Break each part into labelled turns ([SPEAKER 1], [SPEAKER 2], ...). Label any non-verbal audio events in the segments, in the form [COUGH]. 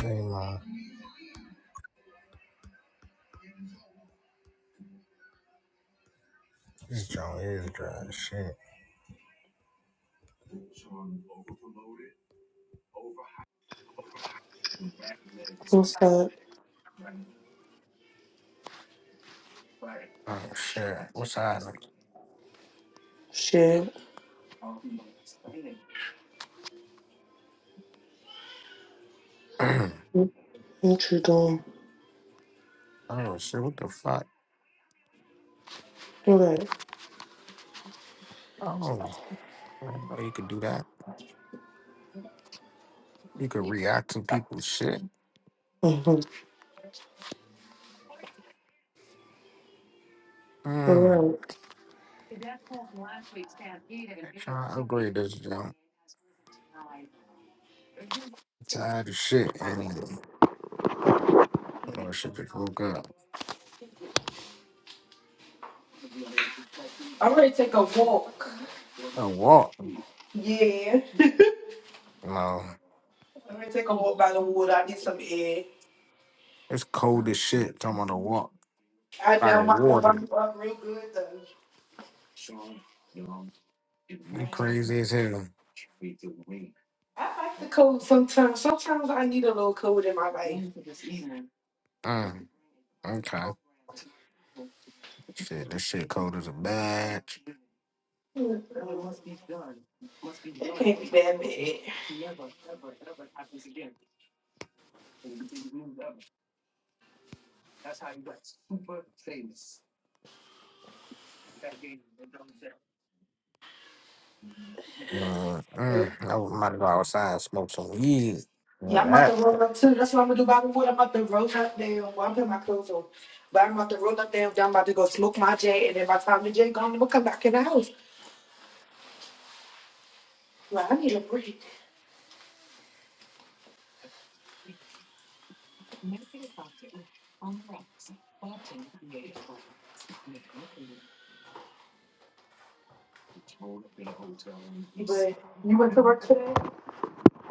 [SPEAKER 1] Hey man, this John is [CLEARS THROAT] shit.
[SPEAKER 2] What's up?
[SPEAKER 1] Oh shit.
[SPEAKER 2] Shit. What you doing?
[SPEAKER 1] oh [CLEARS THROAT] shit, what the fuck?
[SPEAKER 2] All right.
[SPEAKER 1] Oh, I didn't know you could do that. You could react to people's shit.
[SPEAKER 2] Mm-hmm. All
[SPEAKER 1] Mm,
[SPEAKER 2] right.
[SPEAKER 1] great, that's just bad as shit, ain't it?
[SPEAKER 2] I'm ready to take a walk. Yeah.
[SPEAKER 1] You know,
[SPEAKER 2] I'm ready to take a walk by the water. I need some air.
[SPEAKER 1] it's cold as shit. Talking
[SPEAKER 2] I know myself. I'm up real good though. I am.
[SPEAKER 1] crazy as hell.
[SPEAKER 2] I like the cold sometimes. Sometimes I need a little cold in my life.
[SPEAKER 1] Mm, cold as
[SPEAKER 2] Mm, It can't be that bad.
[SPEAKER 1] fuck. Mm, I was- might go outside and smoke some weed.
[SPEAKER 2] Yeah,
[SPEAKER 1] Like
[SPEAKER 2] I'm about to
[SPEAKER 1] that.
[SPEAKER 2] roll up too. That's what I'm gonna do by the wood. I'm about to roll up there Well, I'm putting my clothes on. But I'm about to roll up there. I'm about to go smoke my J. And then by the time the J gone, I'm gonna come back in the house. Like, I need a break. But you went to work today?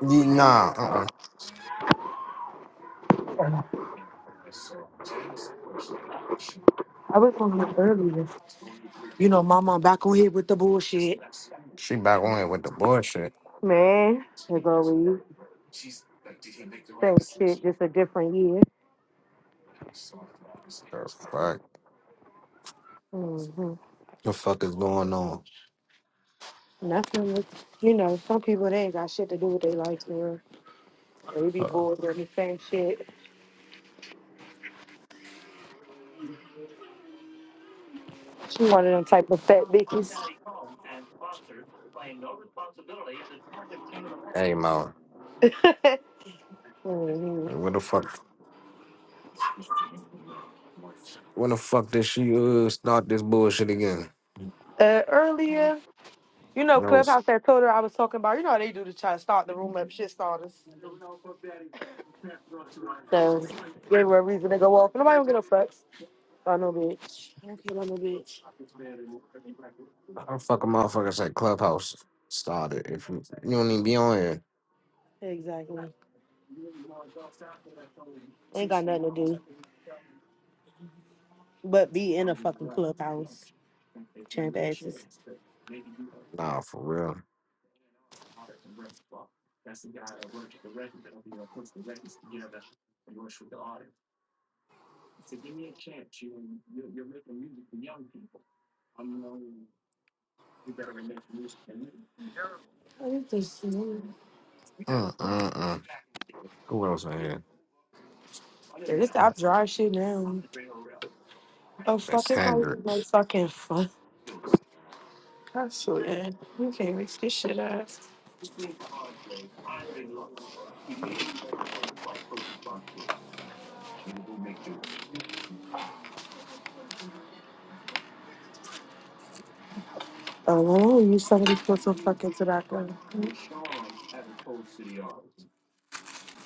[SPEAKER 1] Ye- Nah,
[SPEAKER 2] I was on here earlier. You know, mama back on here with the bullshit.
[SPEAKER 1] she back bullshit.
[SPEAKER 2] Man, as always, same shit, just a different year.
[SPEAKER 1] Fuck,
[SPEAKER 2] hmm
[SPEAKER 1] the fuck is going on?
[SPEAKER 2] Nothing with, you know, some people, they ain't got shit to do with their life, man. They be
[SPEAKER 1] Uh,
[SPEAKER 2] bored with the same shit. She one of them type of fat bitches.
[SPEAKER 1] Come out. What the fuck? When the fuck did she uh, start this bullshit again?
[SPEAKER 2] Uh, earlier, you know,
[SPEAKER 1] And I was,
[SPEAKER 2] Clubhouse that told her I was talking about, you know how they do to try to start the room up, shit starters. So, gave her a reason to go off. Nobody don't get no fucks. I no bitch. I don't care about no bitch.
[SPEAKER 1] I fucking motherfuckers like Clubhouse started. If you, you don't even be on here,
[SPEAKER 2] Exactly. Ain't got nothing to do but be in a fucking clubhouse, champ asses.
[SPEAKER 1] nah, for real.
[SPEAKER 2] What is this? shit? Dude,
[SPEAKER 1] Uh, uh, uh. Who else in here?
[SPEAKER 2] This stop dry shit now. Oh fuck! It's not even no fucking fuck. I swear, you can't mix this shit up. Oh, no, you somebody put some fucking tobacco?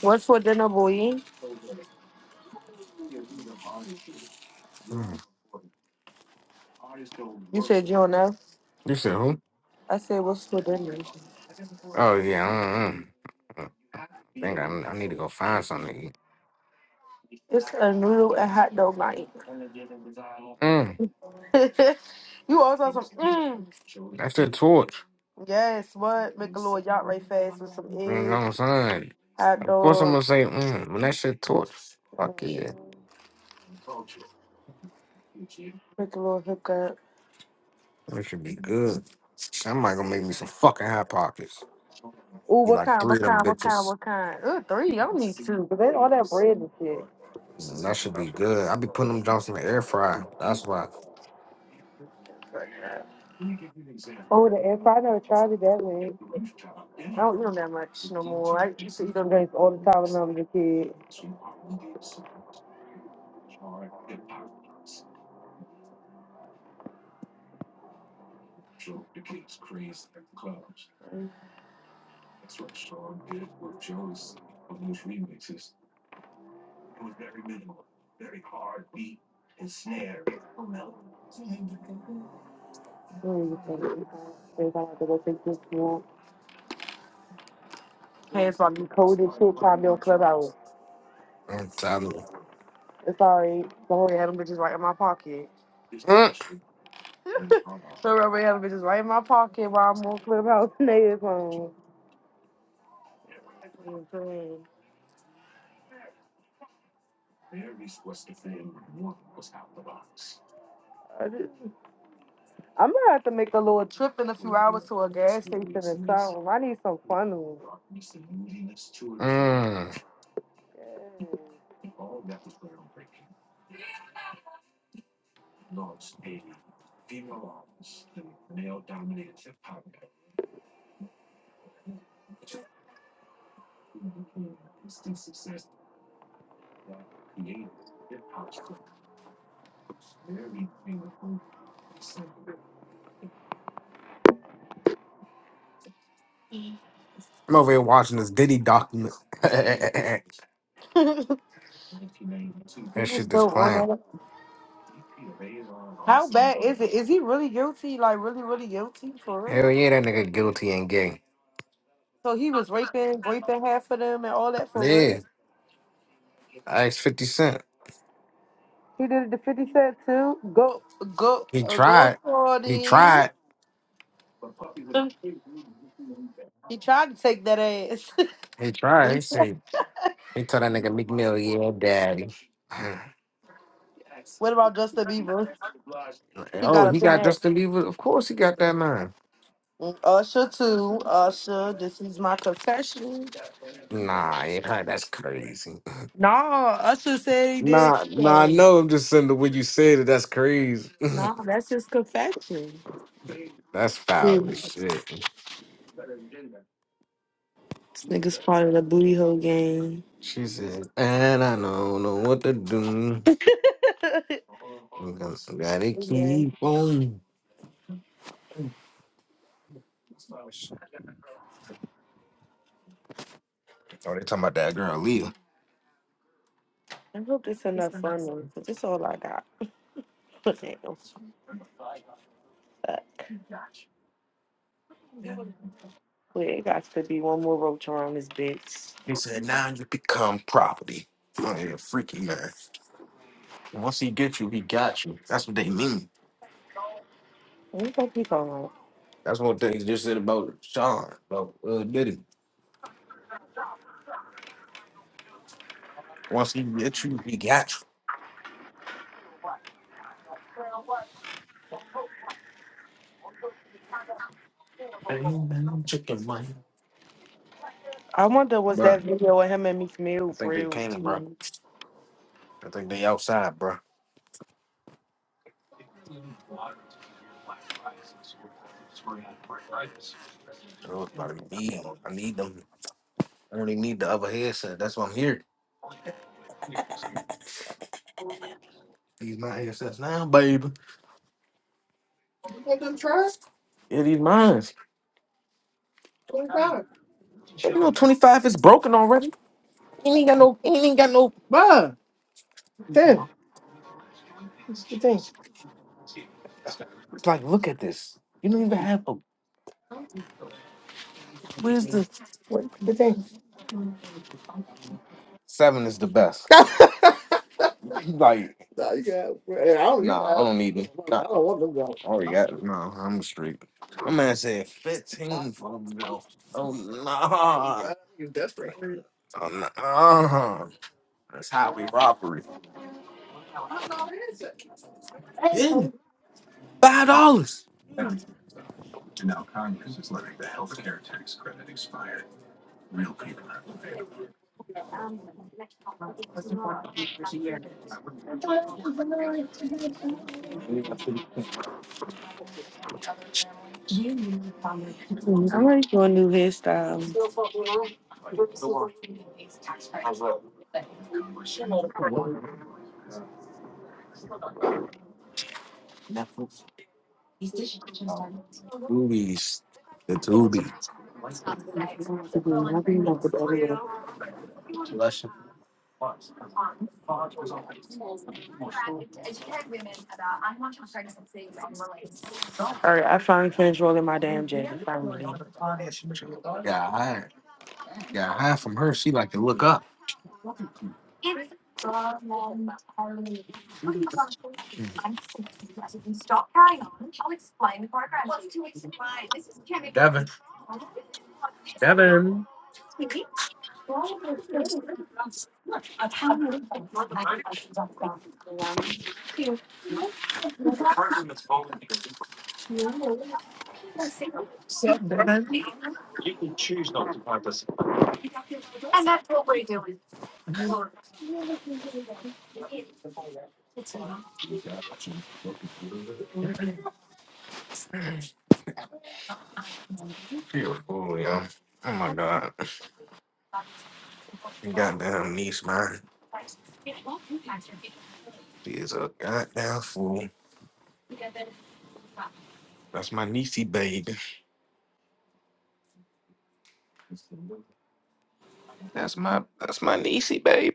[SPEAKER 2] What's for dinner, boy? You said you don't know.
[SPEAKER 1] You said who?
[SPEAKER 2] I said what's for dinner?
[SPEAKER 1] We go find something. to eat.
[SPEAKER 2] It's a noodle and hot dog night. [LAUGHS] you also some mm. Yes, what? Make a little yacht right fast with some egg, hot dog,
[SPEAKER 1] Say fuck,
[SPEAKER 2] make a little hookup.
[SPEAKER 1] That should be good. I might gonna make me some fucking hot pockets.
[SPEAKER 2] Ooh,
[SPEAKER 1] Be
[SPEAKER 2] what
[SPEAKER 1] like
[SPEAKER 2] kind?
[SPEAKER 1] three
[SPEAKER 2] What
[SPEAKER 1] of them
[SPEAKER 2] kind? What kind?
[SPEAKER 1] bitches.
[SPEAKER 2] What kind? Ooh, three. I don't need two. But they all that bread and shit.
[SPEAKER 1] That should be good. I be putting them jumps in the air fryer. Nah,
[SPEAKER 2] Oh, the air fry. I never tried it that way. I don't eat them that much no more. I used to eat them drinks all the time when I was a kid. I don't even think it's fine. Every time I have to go take this one. Hands about to be cold and shit, trying to be on club out.
[SPEAKER 1] I'm telling you.
[SPEAKER 2] It's alright. I already had them bitches right in my pocket. So I already had them bitches right in my pocket while I'm on clubhouse [LAUGHS] and they is home. I just, I'm gonna have to make a little trip in a few hours to a gas station or something. I need some fun.
[SPEAKER 1] Mm. I'm over here watching this Diddy document. [LAUGHS] that
[SPEAKER 2] He
[SPEAKER 1] shit just
[SPEAKER 2] still
[SPEAKER 1] playing.
[SPEAKER 2] on it. How bad is it? Is he really guilty? Like really, really guilty for real?
[SPEAKER 1] Hell yeah, that nigga guilty and gay.
[SPEAKER 2] So he was raping, raping half of them and all that for real.
[SPEAKER 1] Yeah, I asked 50 Cent.
[SPEAKER 2] He did it to Fifty Cent too. Go, go,
[SPEAKER 1] He
[SPEAKER 2] uh, go
[SPEAKER 1] tried.
[SPEAKER 2] for
[SPEAKER 1] He tried.
[SPEAKER 2] it. He tried to take that ass.
[SPEAKER 1] He tried. He
[SPEAKER 2] [LAUGHS]
[SPEAKER 1] said, he told that nigga Meek Mill, yeah, daddy. [SIGHS]
[SPEAKER 2] what about Justin Bieber? He
[SPEAKER 1] oh,
[SPEAKER 2] got
[SPEAKER 1] he
[SPEAKER 2] up in
[SPEAKER 1] got
[SPEAKER 2] that.
[SPEAKER 1] Justin Bieber. Of course he got that man.
[SPEAKER 2] Usher too. Usher, this is my confession.
[SPEAKER 1] Crazy.
[SPEAKER 2] No, Usher said he did.
[SPEAKER 1] Nah, nah, I
[SPEAKER 2] too.
[SPEAKER 1] know. I'm just saying that when you said it, that's crazy.
[SPEAKER 2] No, that's his confession.
[SPEAKER 1] [LAUGHS] that's foul
[SPEAKER 2] This
[SPEAKER 1] as shit.
[SPEAKER 2] nigga's part of the booty hole game.
[SPEAKER 1] She said, and I don't know what to do. I'm gonna gotta keep on. Oh, they talking about that girl, Leah.
[SPEAKER 2] I hope this enough for me
[SPEAKER 1] He
[SPEAKER 2] because that's all I got. [LAUGHS] Damn, fuck. Wait, it got to be one more roach around this bitch.
[SPEAKER 1] said, now you become property. Oh, yeah, freaky man. Once he get you, he got you. That's what they mean.
[SPEAKER 2] What the fuck he calling?
[SPEAKER 1] That's one thing they just said about Sean, about uh, Diddy. Once he get you, he got you. Hey, man, I'm chicken, man.
[SPEAKER 2] I wonder was
[SPEAKER 1] Bro,
[SPEAKER 2] that video of him and Meek Mill
[SPEAKER 1] I
[SPEAKER 2] for
[SPEAKER 1] think they
[SPEAKER 2] real
[SPEAKER 1] came, bro.
[SPEAKER 2] too.
[SPEAKER 1] I think they outside, bro. Oh, it's about to be. I need them. I only need the other headset. That's why I'm here. These my headsets now, baby. Yeah, these mine. You know, 25 is broken already. You ain't got no, you ain't got no, bruh. Damn. It's like, look at this. You don't even have a. Seven is the best. [LAUGHS] like, I don't need this. Oh yeah, no, I'm straight. My man said 15 for me though. Oh no, oh no, that's highway robbery. Yeah, five dollars.
[SPEAKER 2] I like your new hairstyle.
[SPEAKER 1] Boobies, the doobie. Blush.
[SPEAKER 2] Alright, I finally finished rolling my damn jacket. Finally.
[SPEAKER 1] Got high, got high from her. She like to look up. She a fool, yo. Oh my god, goddamn niece, man. She is a goddamn fool. That's my niecey baby. That's my that's my niecey baby.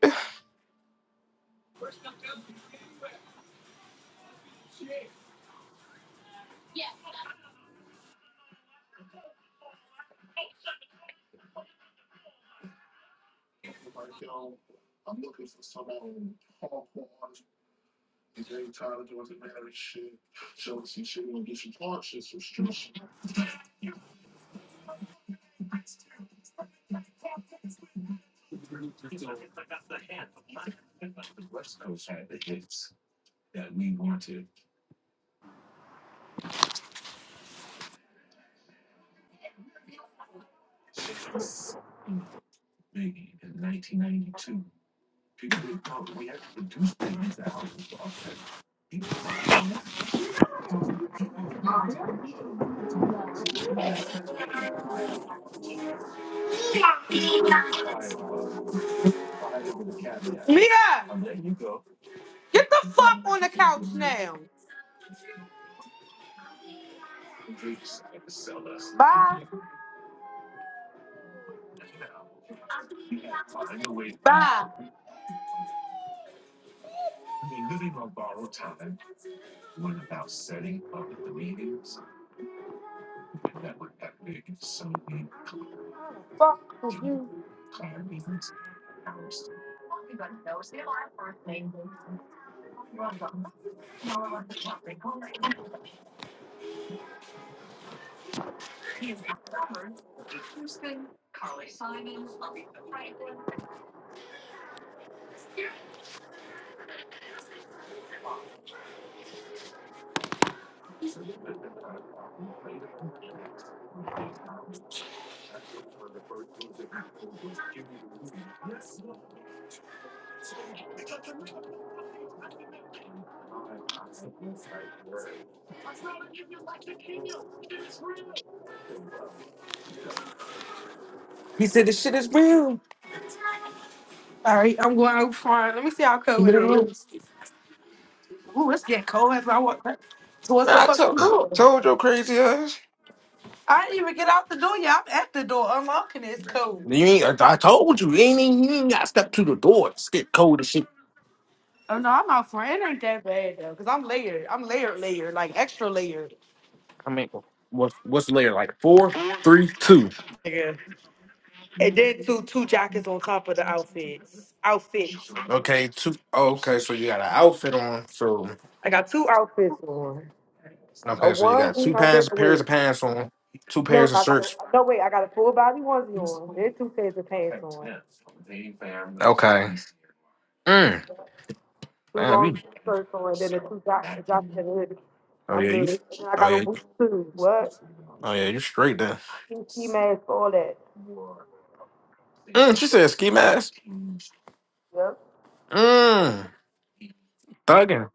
[SPEAKER 2] Alright, I'm going out front. Let me see how cold it is. Ooh, it's getting cold as I walk back towards the
[SPEAKER 1] I
[SPEAKER 2] fucking
[SPEAKER 1] told
[SPEAKER 2] door.
[SPEAKER 1] told your crazy ass.
[SPEAKER 2] I didn't even get out the door yet. I'm at the door unlocking it. It's cold.
[SPEAKER 1] You ain't, like, I told you, you ain't, even- you ain't got to step to the door. It's get cold as shit.
[SPEAKER 2] Oh no, I'm out for it. ain't that bad though, cause I'm layered. I'm layered, layered, like extra layered.
[SPEAKER 1] I mean, what's what's the layer like? Four, three, two.
[SPEAKER 2] Yeah. And then two two jackets on top of the outfits. Outfits.
[SPEAKER 1] Okay, two. oh, okay, so you got an outfit on. So okay,
[SPEAKER 2] I got two outfits on. A
[SPEAKER 1] so you got two
[SPEAKER 2] onesie. I did
[SPEAKER 1] pants,
[SPEAKER 2] wait.
[SPEAKER 1] pairs of pants on, two
[SPEAKER 2] No,
[SPEAKER 1] pairs of
[SPEAKER 2] I got a,
[SPEAKER 1] shirts.
[SPEAKER 2] no wait. I got a full body onesie on. Then two pairs of pants on.
[SPEAKER 1] Mm. Damn, you. Oh yeah, you. Oh yeah, oh yeah, you straight then. What you said, ski mask? Mmm. Thugging.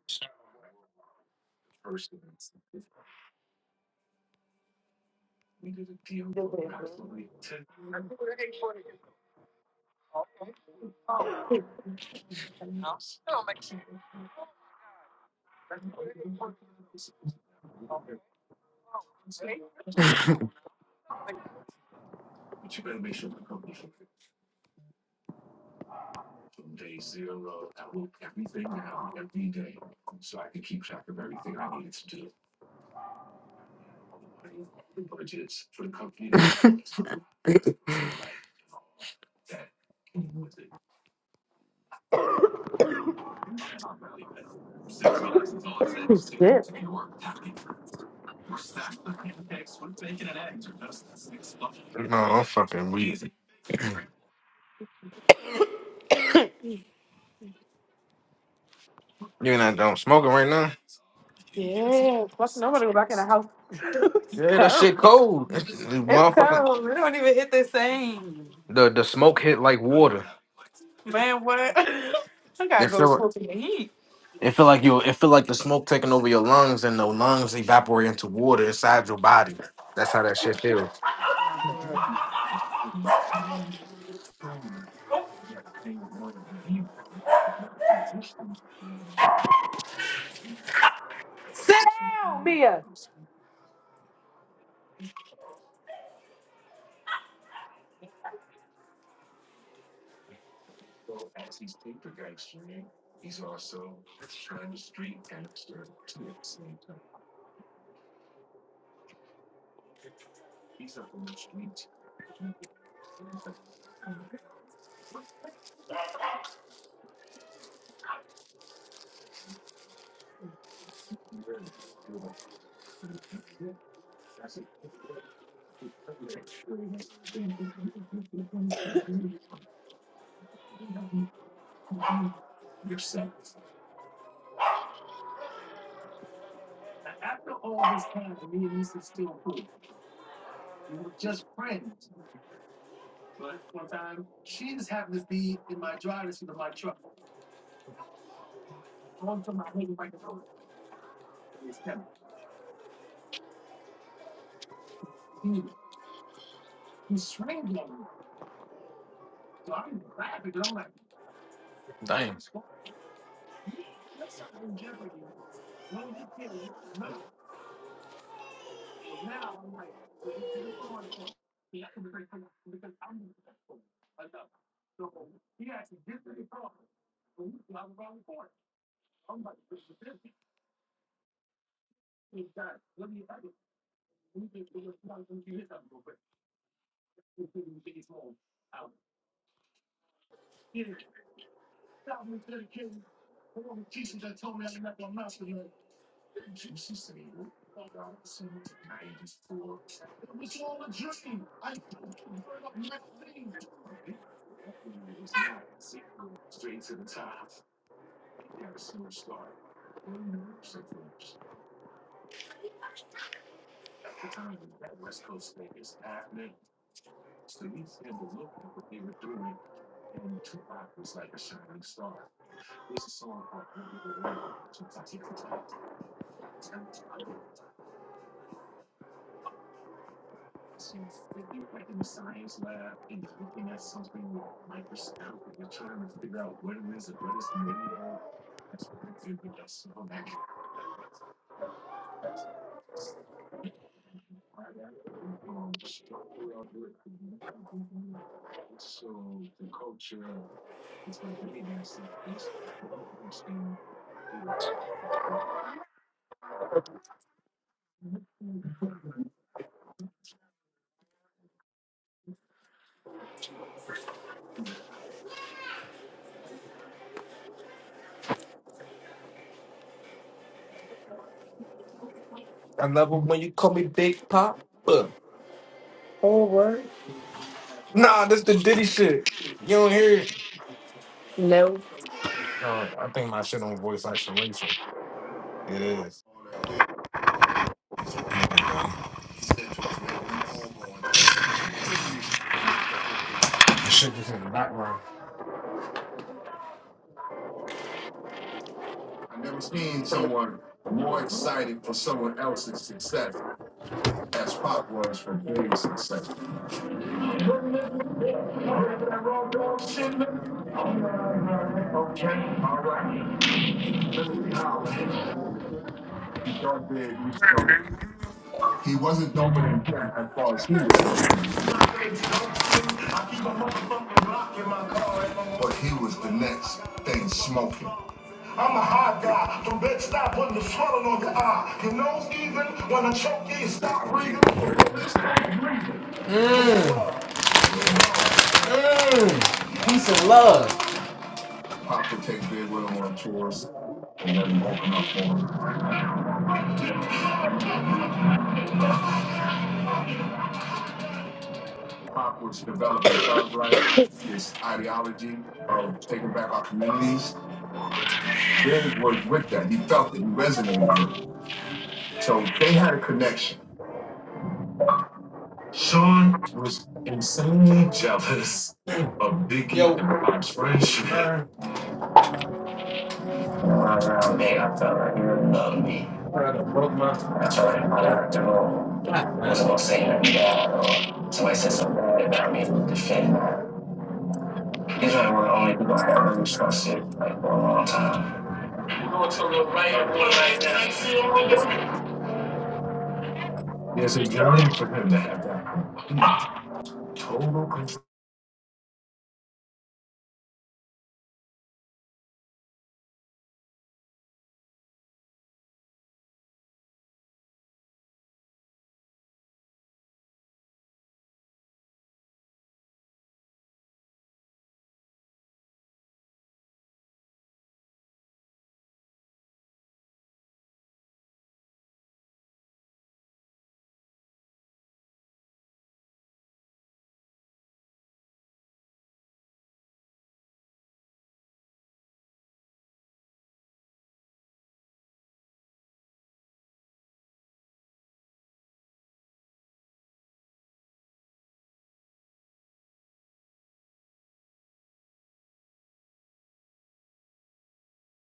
[SPEAKER 1] [LAUGHS]
[SPEAKER 2] [LAUGHS] Shit.
[SPEAKER 1] no, I'm fucking wheezy. You and I don't smoking right now.
[SPEAKER 2] Yeah. Fuck. Nobody go back
[SPEAKER 1] Yeah, that shit cold. [LAUGHS] The
[SPEAKER 2] to
[SPEAKER 1] motherfucking
[SPEAKER 2] town. We don't even hit the same.
[SPEAKER 1] the the smoke hit like water.
[SPEAKER 2] I
[SPEAKER 1] feel
[SPEAKER 2] gotta
[SPEAKER 1] it.
[SPEAKER 2] go
[SPEAKER 1] feel
[SPEAKER 2] soak in the heat.
[SPEAKER 1] It feel like you. It feel like the smoke taking over your lungs, and the lungs evaporate into water inside your body. That's how that shit feels.
[SPEAKER 2] Mia.
[SPEAKER 1] I love it when you call me Big Pop. Nah, that's the Diddy shit. You don't hear it. No, I think my shit on voice isolation. It is. The shit just in the background. I never seen someone more excited for someone else's success as Pop was for Dave's success. Mmm. Mmm. Peace and love. When I felt like he really loved me. So I'm not active role. I wasn't what I'm saying. That or somebody said something bad about me to defend that. These are the only people I ever respected like for a long time.